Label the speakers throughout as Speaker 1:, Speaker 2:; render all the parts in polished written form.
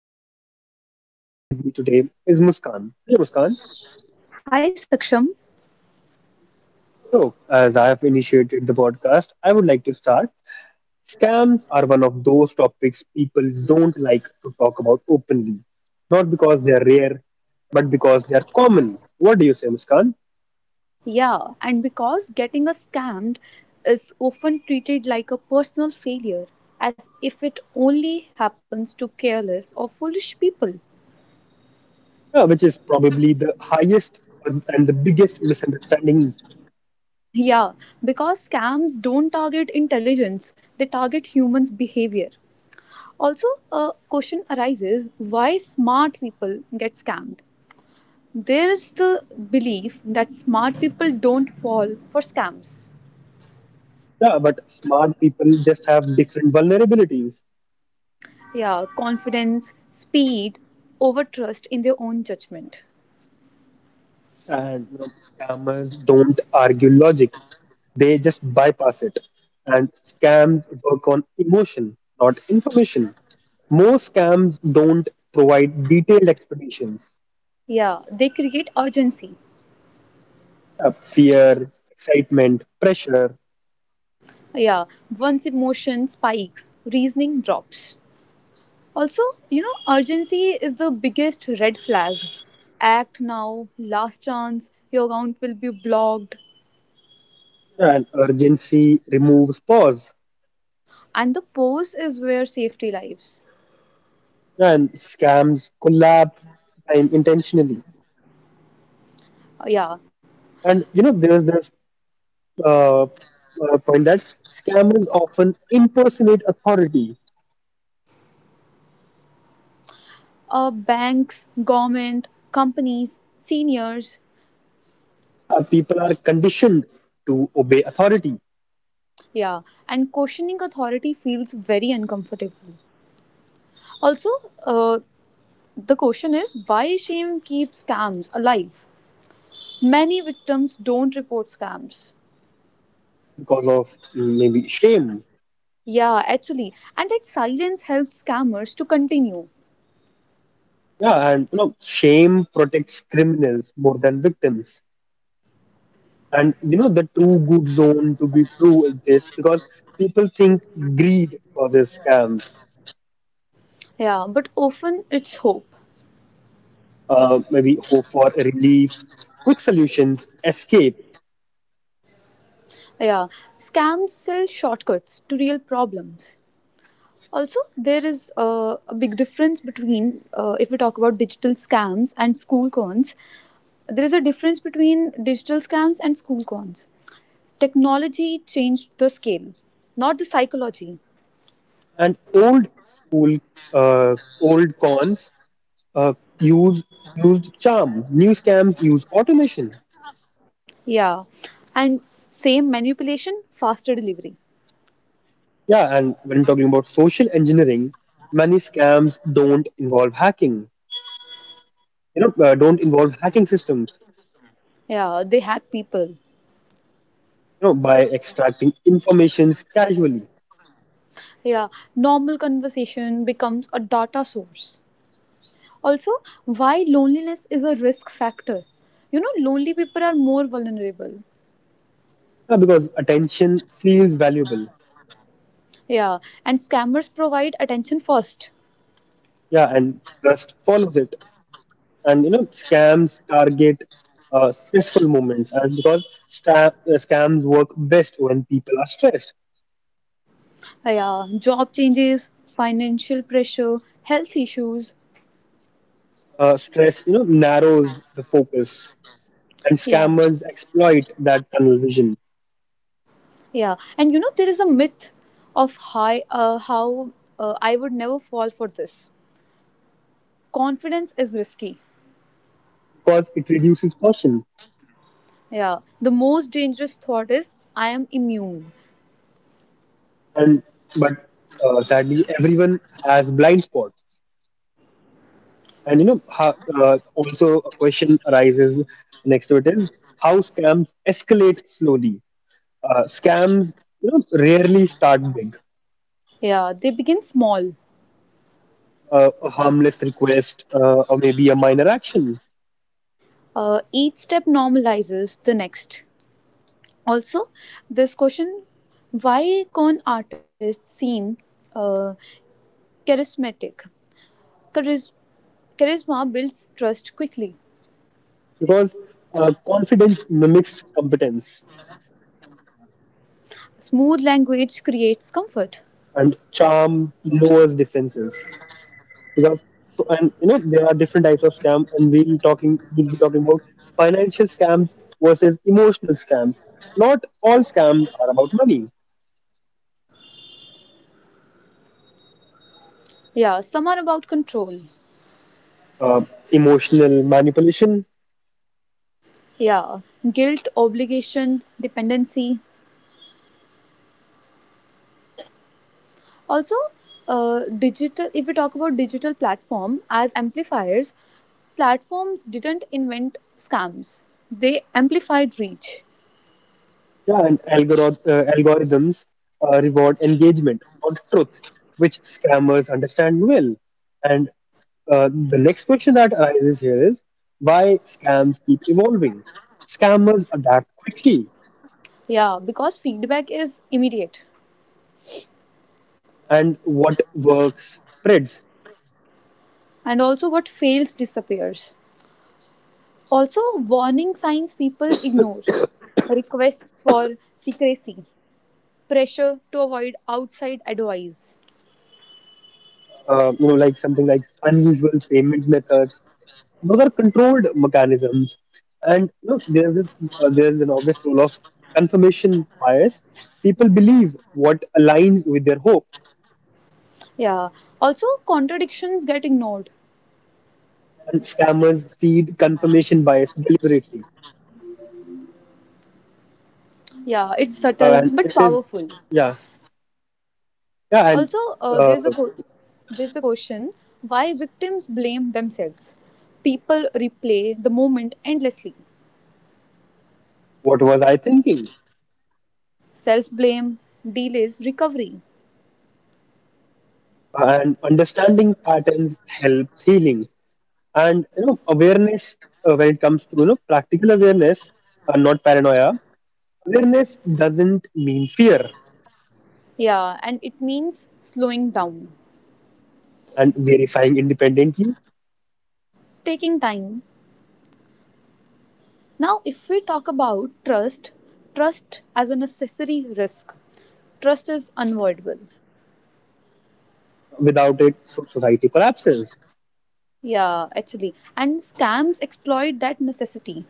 Speaker 1: podcast, the guest I have with me today is Muskan. Hello, Muskan.
Speaker 2: Hi Saksham.
Speaker 1: So, as I have initiated the podcast, I would like to start. Scams are one of those topics people don't like to talk about openly. Not because they are rare, but because they are common. What do you say, Muskan?
Speaker 2: Yeah, and because getting a scammed is often treated like a personal failure, as if it only happens to careless or foolish people.
Speaker 1: Yeah, which is probably the highest and the biggest misunderstanding.
Speaker 2: Yeah, because scams don't target intelligence, they target humans' behavior. Also, a question arises why smart people get scammed? There is the belief that smart people don't fall for scams.
Speaker 1: Yeah, but smart people just have different vulnerabilities.
Speaker 2: Yeah, confidence, speed over trust in their own judgment.
Speaker 1: And you know, scammers don't argue logic, they just bypass it. And scams work on emotion, not information. Most scams don't provide detailed explanations.
Speaker 2: Yeah, they create urgency.
Speaker 1: Fear, excitement, pressure.
Speaker 2: Yeah, once emotion spikes reasoning drops. Also, you know urgency is the biggest red flag. Act now, last chance, your account will be blocked.
Speaker 1: And urgency removes pause.
Speaker 2: And the pose is where safety lives.
Speaker 1: And scams collapse time intentionally.
Speaker 2: Yeah.
Speaker 1: And you know, there's this point that scammers often impersonate authority.
Speaker 2: Banks, government, companies, seniors.
Speaker 1: People are conditioned to obey authority.
Speaker 2: Yeah, and questioning authority feels very uncomfortable. Also, uh, the question is why shame keeps scams alive? Many victims don't report scams.
Speaker 1: Because of maybe shame.
Speaker 2: Yeah, actually, and that silence helps scammers to continue.
Speaker 1: Yeah, and you know, shame protects criminals more than victims. And you know, the true good zone to be true exists because people think greed causes scams.
Speaker 2: Yeah, but often it's hope.
Speaker 1: Maybe hope for relief, quick solutions, escape.
Speaker 2: Yeah, scams sell shortcuts to real problems. Also, there is a big difference between, if we talk about digital scams and school cons, there is a difference between digital scams and school cons. Technology changed the scale, not the psychology.
Speaker 1: And old cons uh, use used charm. New scams use automation.
Speaker 2: Yeah. And same manipulation, faster delivery.
Speaker 1: Yeah, and when talking about social engineering, many scams don't involve hacking. You know, don't involve hacking systems.
Speaker 2: Yeah, they hack people.
Speaker 1: You know, by extracting informations casually.
Speaker 2: Yeah, normal conversation becomes a data source. Also, why loneliness is a risk factor. You know, lonely people are more vulnerable.
Speaker 1: Yeah, because attention feels valuable.
Speaker 2: Yeah, and scammers provide attention first.
Speaker 1: Yeah, and trust follows it. And you know, scams target stressful moments. And scams work best when people are stressed.
Speaker 2: Yeah, job changes, financial pressure, health issues.
Speaker 1: Stress, you know, narrows the focus, and
Speaker 2: Yeah.
Speaker 1: scammers exploit that tunnel vision.
Speaker 2: Yeah, and you know there is a myth of high how I would never fall for this. Confidence is risky.
Speaker 1: Because it reduces caution.
Speaker 2: Yeah, the most dangerous thought is I am immune.
Speaker 1: And but Sadly, everyone has blind spots. And you know how, also a question arises next to it is, how scams escalate slowly? Scams, you know, rarely start big.
Speaker 2: Yeah, they begin small.
Speaker 1: A harmless request, or maybe a minor action.
Speaker 2: Each step normalizes the next. Also, this question why con artists seem uh, charismatic? Charis- Charisma builds trust quickly.
Speaker 1: Because confidence mimics competence,
Speaker 2: Smooth language creates comfort.
Speaker 1: and charm lowers defenses. Because so And you know, there are different types of scam, and we'll be talking about financial scams versus emotional scams. Not all scams are about money.
Speaker 2: Yeah, some are about control.
Speaker 1: uh, Emotional manipulation.
Speaker 2: Yeah, guilt, obligation, dependency. Also, digital if we talk about digital platform as amplifiers, platforms didn't invent scams, they amplified reach.
Speaker 1: Yeah, and algorithms reward engagement, not truth, which scammers understand well. And the next question that arises here is, why scams keep evolving? Scammers adapt quickly,
Speaker 2: Yeah, because feedback is immediate,
Speaker 1: and what works spreads.
Speaker 2: and also what fails disappears. Also, warning signs people ignore: requests for secrecy, pressure to avoid outside advice.
Speaker 1: You know, like something like unusual payment methods. Those are controlled mechanisms. And you know, there's an obvious role of confirmation bias. People believe what aligns with their hope,
Speaker 2: Yeah, also contradictions get ignored.
Speaker 1: and scammers feed confirmation bias deliberately.
Speaker 2: Yeah, it's subtle
Speaker 1: And
Speaker 2: but
Speaker 1: it is,
Speaker 2: powerful.
Speaker 1: yeah,
Speaker 2: Also,
Speaker 1: yeah. And uh,
Speaker 2: there's a question why victims blame themselves. People replay the moment endlessly.
Speaker 1: what was I thinking?
Speaker 2: Self blame delays recovery.
Speaker 1: And understanding patterns helps healing. And you know, awareness when it comes to, you know, practical awareness, not paranoia. Awareness doesn't mean fear,
Speaker 2: Yeah, and it means slowing down,
Speaker 1: and verifying independently.
Speaker 2: taking time. Now, if we talk about trust, trust as a necessary risk, trust is unavoidable.
Speaker 1: Without it, so society collapses.
Speaker 2: Yeah, actually, and scams exploit that necessity.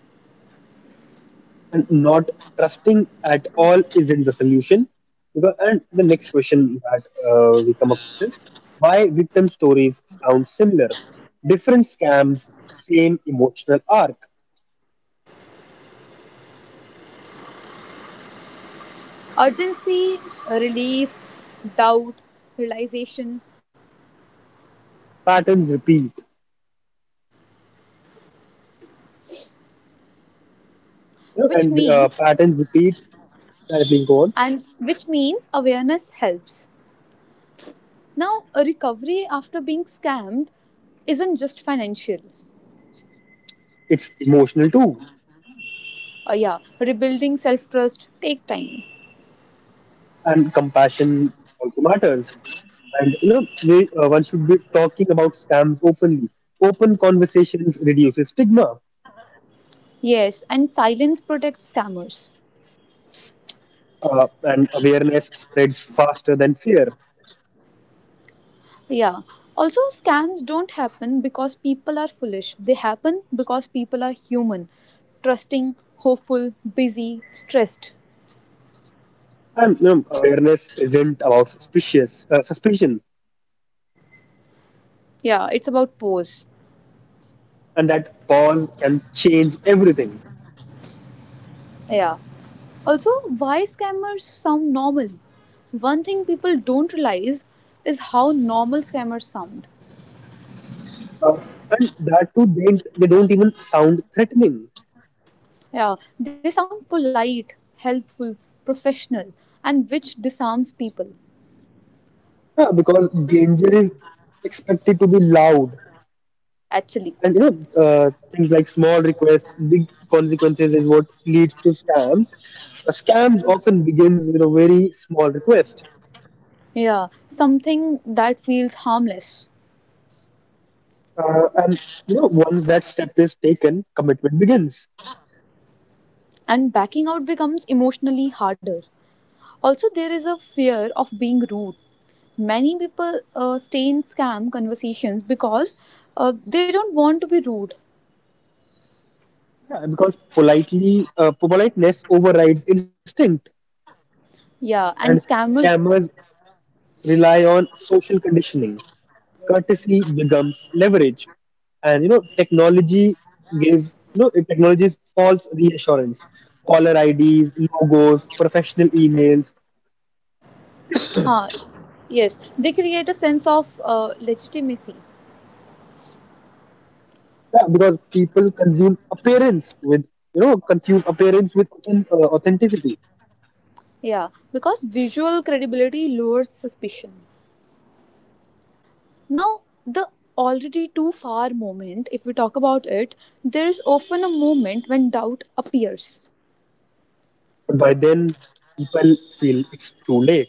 Speaker 1: And not trusting at all isn't the solution. And the next question that we come across is, why victim stories sound similar? Different scams, same emotional arc,
Speaker 2: Urgency, relief, doubt, realization,
Speaker 1: patterns repeat. You know,
Speaker 2: which
Speaker 1: and
Speaker 2: means,
Speaker 1: patterns repeat, that being gone,
Speaker 2: and which means awareness helps. Now, a recovery after being scammed isn't just financial.
Speaker 1: it's emotional too.
Speaker 2: Yeah, rebuilding self-trust take time.
Speaker 1: And compassion also matters. And you know, one should be talking about scams openly. Open conversations reduces stigma,
Speaker 2: Yes, and silence protects scammers.
Speaker 1: and awareness spreads faster than fear.
Speaker 2: Yeah. Also, scams don't happen because people are foolish. They happen because people are human, trusting, hopeful, busy, stressed.
Speaker 1: And you know, awareness isn't about suspicious suspicion,
Speaker 2: Yeah, it's about pause.
Speaker 1: and that pause can change everything.
Speaker 2: Yeah. Also, why scammers sound normal. One thing people don't realize is how normal scammers sound.
Speaker 1: Uh, and that too, they don't even sound threatening,
Speaker 2: Yeah, they sound polite, helpful, professional, and which disarms people,
Speaker 1: because danger is expected to be loud.
Speaker 2: actually.
Speaker 1: And you know, things like small requests, big consequences is what leads to scams. Scams often begins with a very small request.
Speaker 2: Yeah, something that feels harmless.
Speaker 1: And you know, once that step is taken, commitment begins.
Speaker 2: And backing out becomes emotionally harder. Also, there is a fear of being rude, many people stay in scam conversations because they don't want to be rude.
Speaker 1: Yeah, because politely politeness overrides instinct.
Speaker 2: Yeah,
Speaker 1: And
Speaker 2: and scammers.
Speaker 1: scammers rely on social conditioning. Courtesy becomes leverage. And you know, technology is false reassurance. Caller IDs, logos, professional emails.
Speaker 2: Huh. Yes, they create a sense of legitimacy.
Speaker 1: Yeah, because people consume appearance with you know confuse appearance with authenticity.
Speaker 2: Yeah, because visual credibility lowers suspicion. Now, the already too far moment, if we talk about it, there is often a moment when doubt appears.
Speaker 1: But by then, people feel it's too late.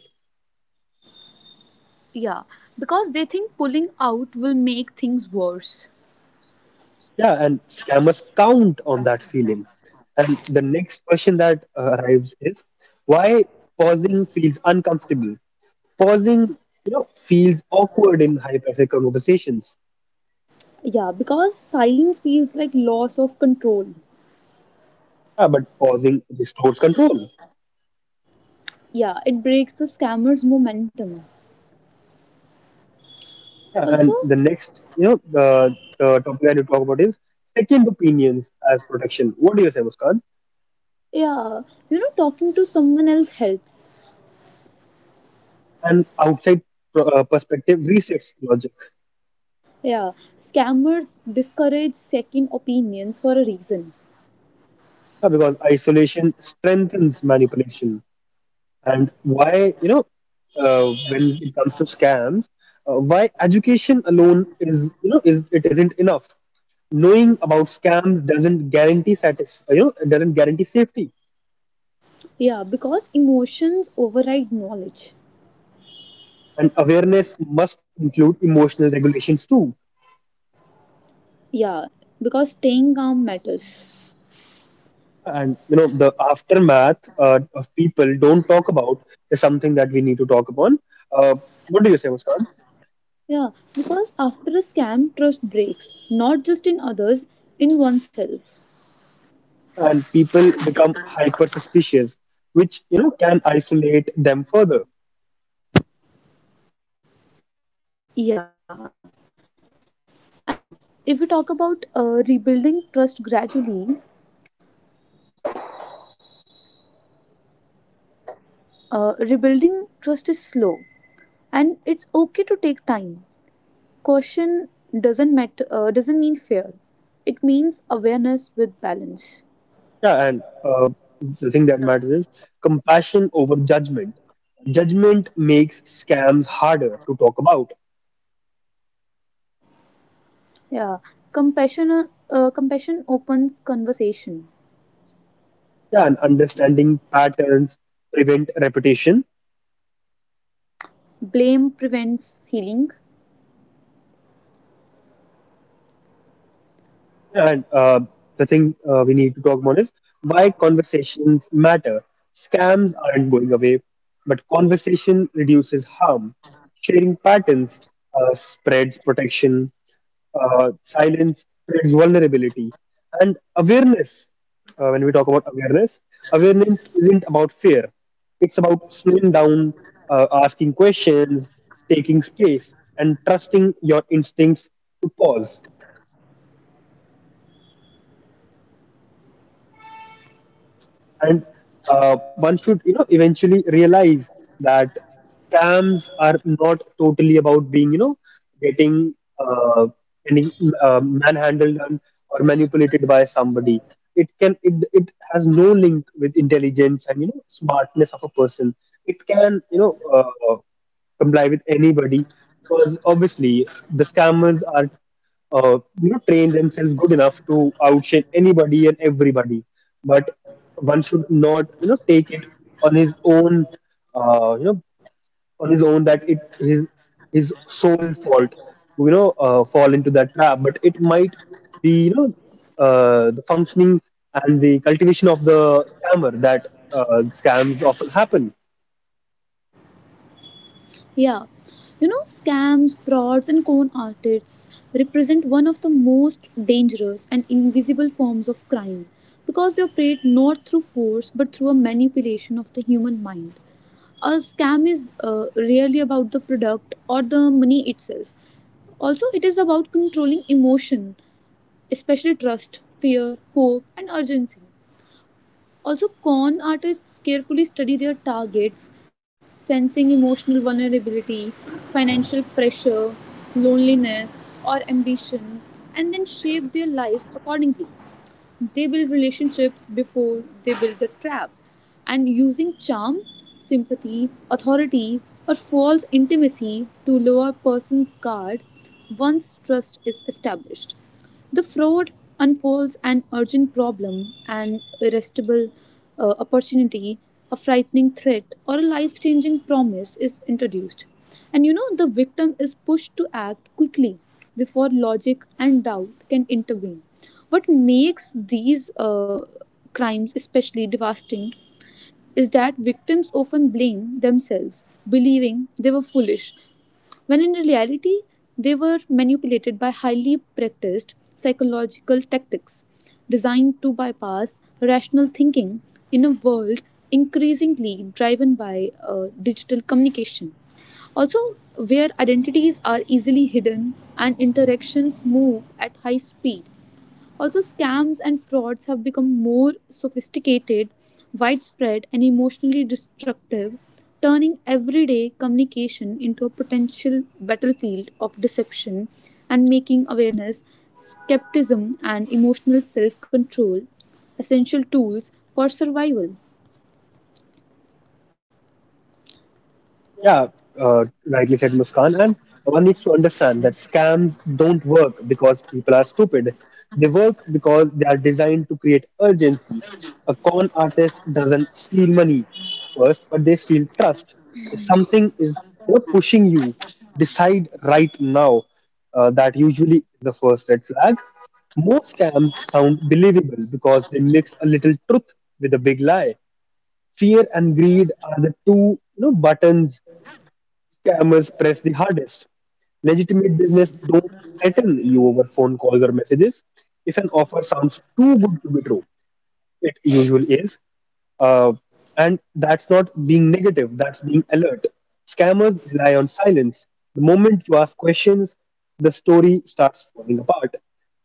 Speaker 2: Yeah, because they think pulling out will make things worse.
Speaker 1: Yeah, and scammers count on that feeling. And the next question that arrives is, why pausing feels uncomfortable? Pausing, you know, feels awkward in high pressure conversations.
Speaker 2: Yeah, because silence feels like loss of control.
Speaker 1: Yeah, but pausing restores control.
Speaker 2: Yeah, it breaks the scammer's momentum.
Speaker 1: Yeah, and
Speaker 2: Also,
Speaker 1: the next, you know, the topic I need to talk about is second opinions as protection. What do you say, Muskan?
Speaker 2: yeah, you know, talking to someone else helps.
Speaker 1: And outside perspective resets logic.
Speaker 2: Yeah, scammers discourage second opinions for a reason.
Speaker 1: Yeah, because isolation strengthens manipulation. And why, you know, when it comes to scams, why education alone is, you know, is it isn't enough. Knowing about scams doesn't guarantee satis- you know, it doesn't guarantee safety.
Speaker 2: Yeah, because emotions override knowledge.
Speaker 1: And awareness must include emotional regulations too.
Speaker 2: Yeah, because staying calm matters.
Speaker 1: And you know, the aftermath of people don't talk about is something that we need to talk upon. Uh, what do you say, Muskan?
Speaker 2: Yeah, because after a scam, trust breaks, not just in others, in oneself.
Speaker 1: And people become hyper suspicious, which you know can isolate them further.
Speaker 2: Yeah, and if we talk about rebuilding trust gradually, rebuilding trust is slow and it's okay to take time. Caution doesn't mean fear. It means awareness with balance.
Speaker 1: Yeah, and the thing that matters is compassion over judgment. Judgment makes scams harder to talk about.
Speaker 2: Yeah, compassion opens conversation.
Speaker 1: Yeah, and understanding patterns prevent repetition.
Speaker 2: Blame prevents healing.
Speaker 1: Yeah, and the thing we need to talk about is, why conversations matter? Scams aren't going away, but conversation reduces harm. Sharing patterns spreads protection. Silence spreads vulnerability. And awareness when we talk about awareness awareness isn't about fear, it's about slowing down, asking questions, taking space, and trusting your instincts to pause. And one should, you know, eventually realize that scams are not totally about being you know getting uh, any manhandled and, or manipulated by somebody. It has no link with intelligence and, you know, smartness of a person. It can, you know, comply with anybody, because obviously the scammers are, you know, train themselves good enough to outshine anybody and everybody. But one should not, you know, take it on his own, uh, you know that it his sole fault to, you know, fall into that trap. But it might be, you know, the functioning and the cultivation of the scammer that scams often happen.
Speaker 2: Yeah, you know scams, frauds, and con artists represent one of the most dangerous and invisible forms of crime because they operate not through force but through a manipulation of the human mind. A scam is really about the product or the money itself. Also, it is about controlling emotion, especially trust, fear, hope, and urgency. Also, con artists carefully study their targets, sensing emotional vulnerability, financial pressure, loneliness, or ambition, and then shape their lives accordingly. They build relationships before they build the trap. And using charm, sympathy, authority, or false intimacy to lower a person's guard once trust is established. The fraud unfolds an urgent problem, an irresistible opportunity, a frightening threat, or a life changing promise is introduced. And you know, the victim is pushed to act quickly before logic and doubt can intervene. What makes these crimes especially devastating is that victims often blame themselves, believing they were foolish, when in reality, they were manipulated by highly practiced psychological tactics designed to bypass rational thinking in a world increasingly driven by digital communication. Also, where identities are easily hidden and interactions move at high speed, also, scams and frauds have become more sophisticated, widespread, and emotionally destructive, turning everyday communication into a potential battlefield of deception and making awareness, skepticism, and emotional self control essential tools for survival.
Speaker 1: Yeah, rightly said, Muskan. And one needs to understand that scams don't work because people are stupid. They work because they are designed to create urgency. A con artist doesn't steal money first, but they steal trust. If something is, you know, pushing you, decide right now. That usually is the first red flag. Most scams sound believable because they mix a little truth with a big lie. Fear and greed are the two, you know, buttons scammers press the hardest. Legitimate business don't threaten you over phone calls or messages. If an offer sounds too good to be true, it usually is. Uh, and that's not being negative, that's being alert. Scammers rely on silence. The moment you ask questions, the story starts falling apart.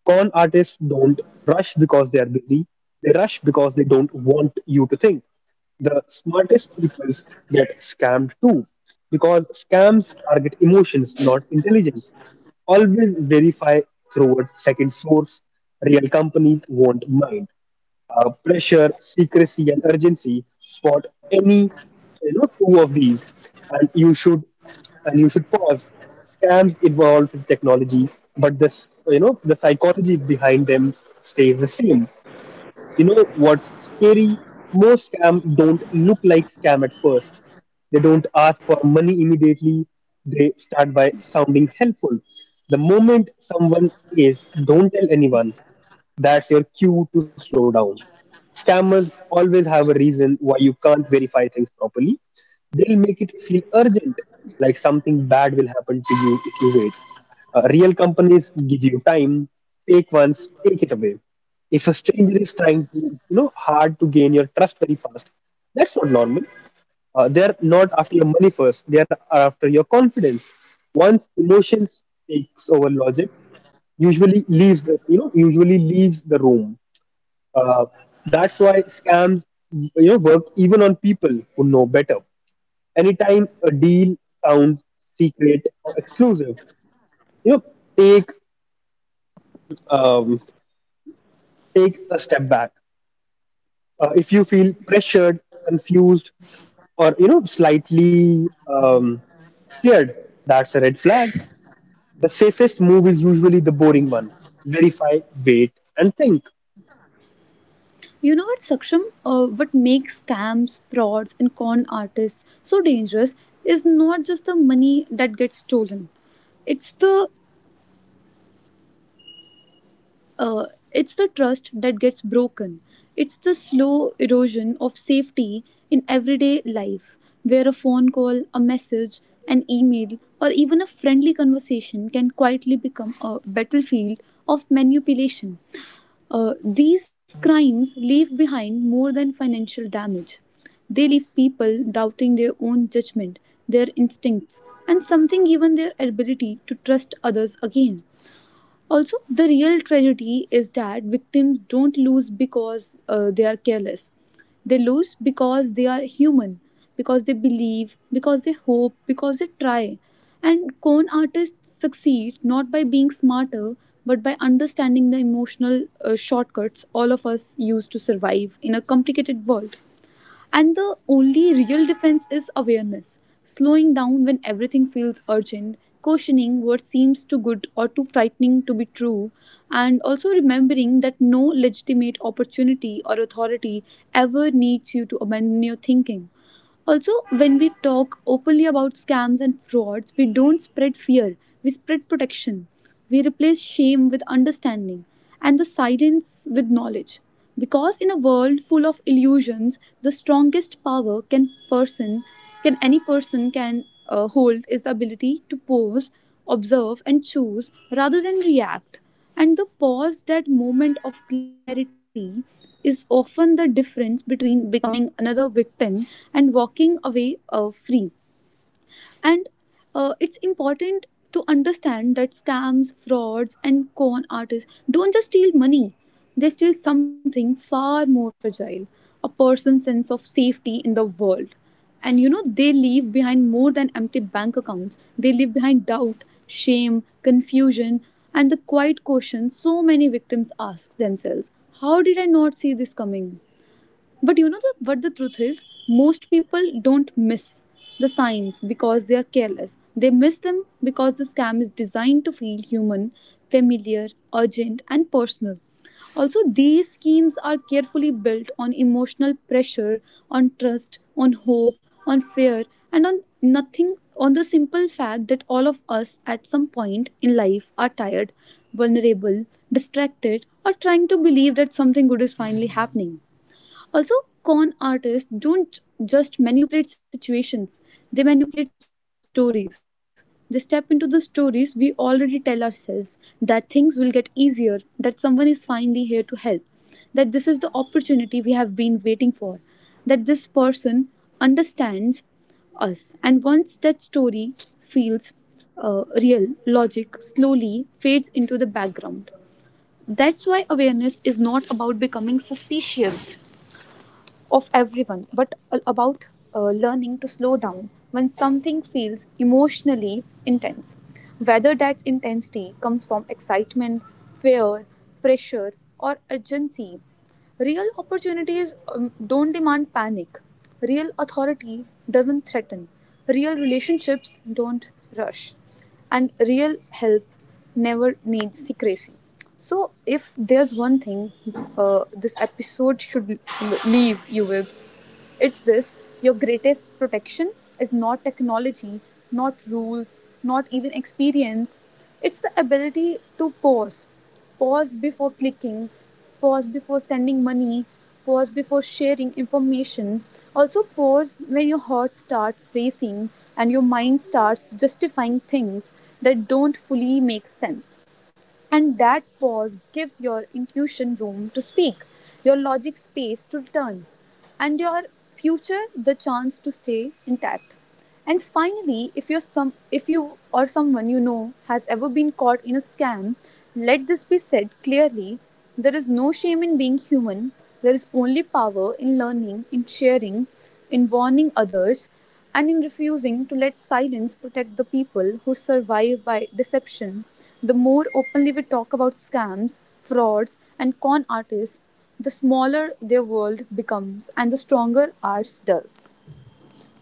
Speaker 1: Con artists don't rush because they are busy, they rush because they don't want you to think. The smartest people get scammed too, because scams target emotions, not intelligence. Always verify through a second source. Real companies won't mind pressure, secrecy, and urgency. Spot any, you know, two of these, and you should pause. Scams evolve with technology, but this you know the psychology behind them stays the same. You know what's scary? Most scam don't look like scam at first. They don't ask for money immediately. They start by sounding helpful. The moment someone says, "Don't tell anyone," that's your cue to slow down. Scammers always have a reason why you can't verify things properly. They'll make it feel urgent, like something bad will happen to you if you wait. Real companies give you time. Fake ones take it away. If a stranger is trying to, you know, hard to gain your trust very fast, that's not normal. They're not after your money first. They're after your confidence. Once emotions takes over logic, usually leaves the room. That's why scams, you know, work even on people who know better. Anytime a deal sounds secret or exclusive, you know, take um, take a step back. If you feel pressured, confused, or you know, slightly scared, that's a red flag. The safest move is usually the boring one. Verify, wait, and think.
Speaker 2: You know what, Saksham? What makes scams, frauds, and con artists so dangerous is not just the money that gets stolen, it's the Uh, it's the trust that gets broken. It's the slow erosion of safety in everyday life, where a phone call, a message, an email, or even a friendly conversation can quietly become a battlefield of manipulation. These crimes leave behind more than financial damage. They leave people doubting their own judgment, their instincts, and something even their ability to trust others again. Also, the real tragedy is that victims don't lose because they are careless. They lose because they are human, because they believe, because they hope, because they try. And con artists succeed not by being smarter, but by understanding the emotional shortcuts all of us use to survive in a complicated world. And the only real defense is awareness, slowing down when everything feels urgent, questioning what seems too good or too frightening to be true, and also remembering that no legitimate opportunity or authority ever needs you to abandon your thinking. Also, when we talk openly about scams and frauds, we don't spread fear, we spread protection. We replace shame with understanding and the silence with knowledge. Because in a world full of illusions, the strongest power can person can any person can hold is the ability to pause, observe and choose rather than react. And the pause, that moment of clarity, is often the difference between becoming another victim and walking away free. And it's important to understand that scams, frauds and con artists don't just steal money, they steal something far more fragile, a person's sense of safety in the world. And you know they leave behind more than empty bank accounts, they leave behind doubt, shame, confusion, and the quiet question so many victims ask themselves: how did I not see this coming? But you know what the truth is? Most people don't miss the signs because they are careless. They miss them because the scam is designed to feel human, familiar, urgent, and personal. Also, these schemes are carefully built on emotional pressure, on trust, on hope, on fear, and on nothing, on the simple fact that all of us at some point in life are tired, vulnerable, distracted, or trying to believe that something good is finally happening. Also, con artists don't just manipulate situations, they manipulate stories. They step into the stories we already tell ourselves that things will get easier, that someone is finally here to help, that this is the opportunity we have been waiting for, that this person understands us. And once that story feels real, logic slowly fades into the background. That's why awareness is not about becoming suspicious of everyone, but about learning to slow down when something feels emotionally intense. Whether that intensity comes from excitement, fear, pressure, or urgency, real opportunities don't demand panic. Real authority doesn't threaten. Real relationships don't rush and real help never needs secrecy. So, if there's one thing this episode should leave you with, it's this: your greatest protection is not technology, not rules, not even experience. It's the ability to pause. Pause before clicking, pause before sending money, pause before sharing information. Also, pause when your heart starts racing and your mind starts justifying things that don't fully make sense. And that pause gives your intuition room to speak, your logic space to return, and your future the chance to stay intact. And finally, if you or someone you know has ever been caught in a scam, let this be said clearly. There is no shame in being human. There is only power in learning, in sharing, in warning others, and in refusing to let silence protect the people who survive by deception, the more openly we talk about scams, frauds, and con artists, the smaller their world becomes and the stronger ours does.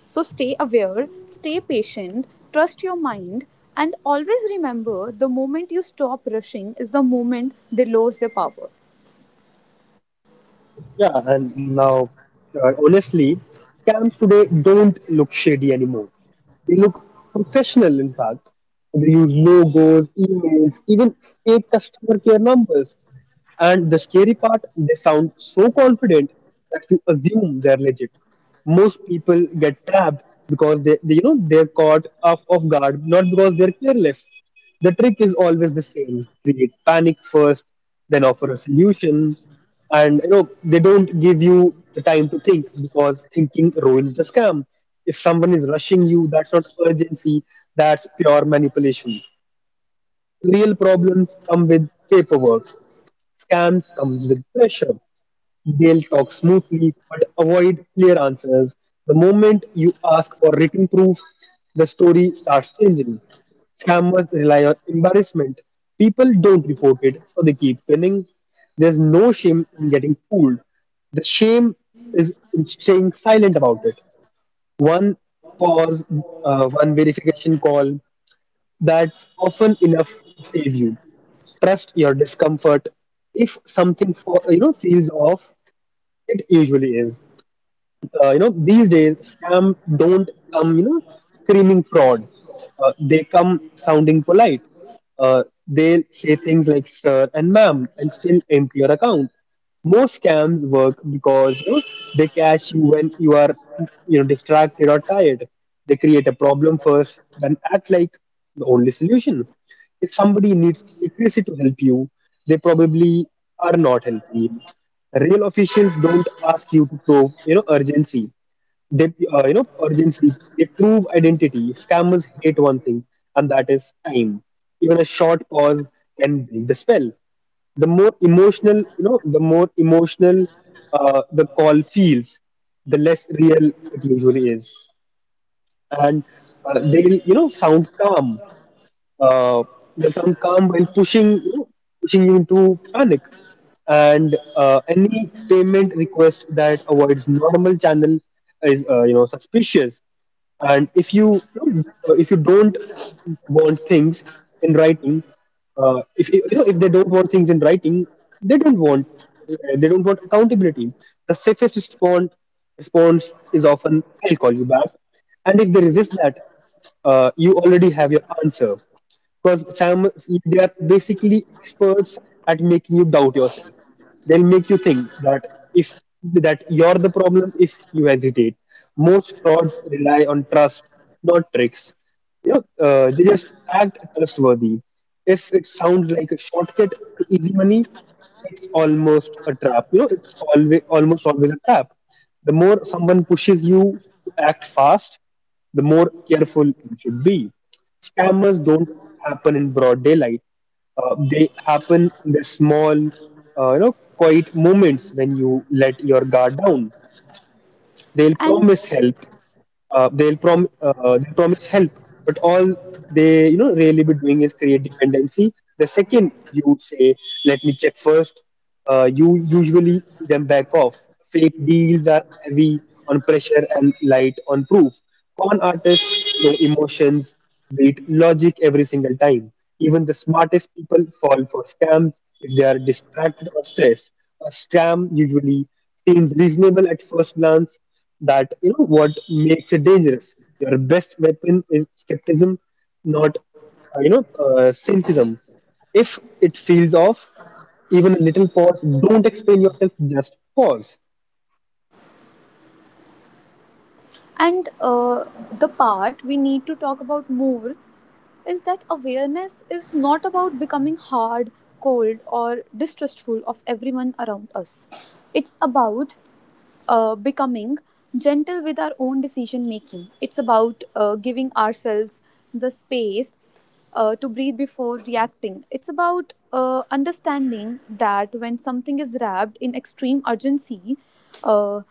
Speaker 2: So stay aware, stay patient, trust your mind, and always remember the moment you stop rushing is the moment they lose their power.
Speaker 1: Yeah, and now, honestly, scams today don't look shady anymore. They look professional, in fact. They use logos, emails, even fake customer care numbers. And the scary part, they sound so confident that you assume they're legit. Most people get trapped because they they're caught off guard, not because they're careless. The trick is always the same. Create panic first, then offer a solution, and they don't give you the time to think because thinking ruins the scam. If someone is rushing you, that's not urgency, that's pure manipulation. Real problems come with paperwork, scams comes with pressure. They'll talk smoothly but avoid clear answers. The moment you ask for written proof, the story starts changing. Scammers rely on embarrassment. People don't report it, so they keep winning. There's no shame in getting fooled. The shame is in staying silent about it. One pause, one verification call, that's often enough to save you. Trust your discomfort. If something feels off, it usually is. These days, scam don't come, screaming fraud. They come sounding polite. They say things like sir and ma'am and still empty your account. Most scams work because they catch you when you are, distracted or tired. They create a problem first, then act like the only solution. If somebody needs secrecy to help you, they probably are not helping you. Real officials don't ask you to prove, urgency. They, They prove identity. Scammers hate one thing, and that is time. Even a short pause can break the spell. The more emotional, the call feels, the less real it usually is, and uh, they'll, you know, sound calm uh, they sound calm while pushing you into panic. And any payment request that avoids normal channel is suspicious. And if you don't want things in writing, if you know if they don't want things in writing, they don't want they don't want accountability. The safest response is often I'll call you back, and if they resist that, you already have your answer because Sam, they are basically experts at making you doubt yourself. They'll make you think that if that you're the problem if you hesitate. Most frauds rely on trust, not tricks. They just act trustworthy. If it sounds like a shortcut to easy money, it's almost a trap. It's always almost always a trap. The more someone pushes you to act fast, the more careful you should be. Scammers don't happen in broad daylight. They happen in the small, quiet moments when you let your guard down. They'll
Speaker 2: And
Speaker 1: promise help they promise help, but all they really be doing is create dependency. The second you say, "Let me check first," you usually see them back off. Fake deals are heavy on pressure and light on proof. Con artists show emotions, beat logic every single time. Even the smartest people fall for scams if they are distracted or stressed. A scam usually seems reasonable at first glance, that what makes it dangerous. Your best weapon is skepticism, not cynicism. If it feels off, even a little pause. Don't explain yourself. Just pause.
Speaker 2: And the part we need to talk about more is that awareness is not about becoming hard, cold, or distrustful of everyone around us. It's about becoming gentle with our own decision making. It's about giving ourselves the space to breathe before reacting. It's about understanding that when something is wrapped in extreme urgency, uh,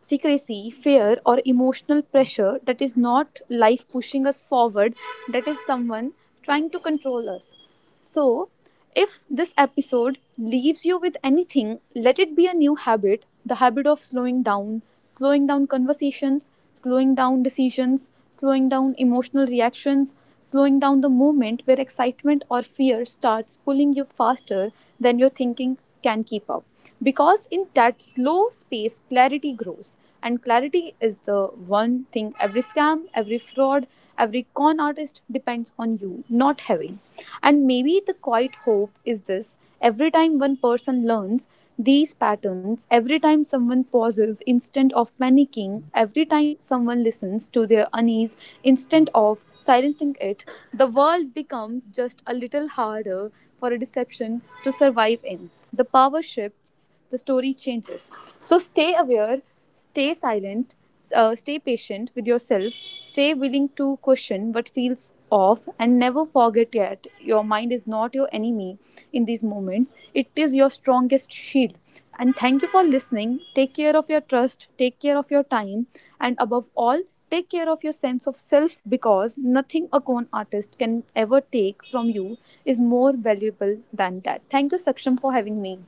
Speaker 2: secrecy, fear, or emotional pressure that is not life pushing us forward, that is someone trying to control us. So, if this episode leaves you with anything, let it be a new habit, the habit of slowing down conversations, slowing down decisions, slowing down emotional reactions, slowing down the movement where excitement or fear starts pulling you faster than your thinking can keep up. Because in that slow space, clarity grows. And clarity is the one thing every scam, every fraud, every con artist depends on you not having. And maybe the quiet hope is this: every time one person learns these patterns, every time someone pauses instead of panicking, every time someone listens to their unease instead of silencing it, the world becomes just a little harder for a deception to survive in. The power shifts starts, the story changes. So stay aware, stay silent, stay patient with yourself, stay willing to question what feels off, and never forget yet your mind is not your enemy in these moments. It is your strongest shield. And thank you for listening. Take care of your trust, take care of your time, and above all, take care of your sense of self because nothing a con artist can ever take from you is more valuable than that. Thank you, Saksham, for having me.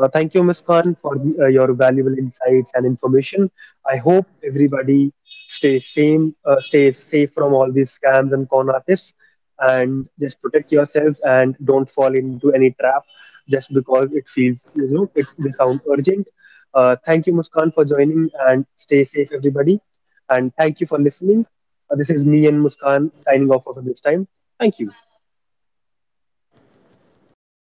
Speaker 1: Thank you, Ms. Khan, for the, your valuable insights and information. I hope everybody stays safe from all these scams and con artists, and just protect yourselves and don't fall into any trap just because it feels you know it they sound urgent. Thank you, Muskan, for joining, and stay safe, everybody. And thank you for listening. This is me and Muskan signing off for this time. Thank you.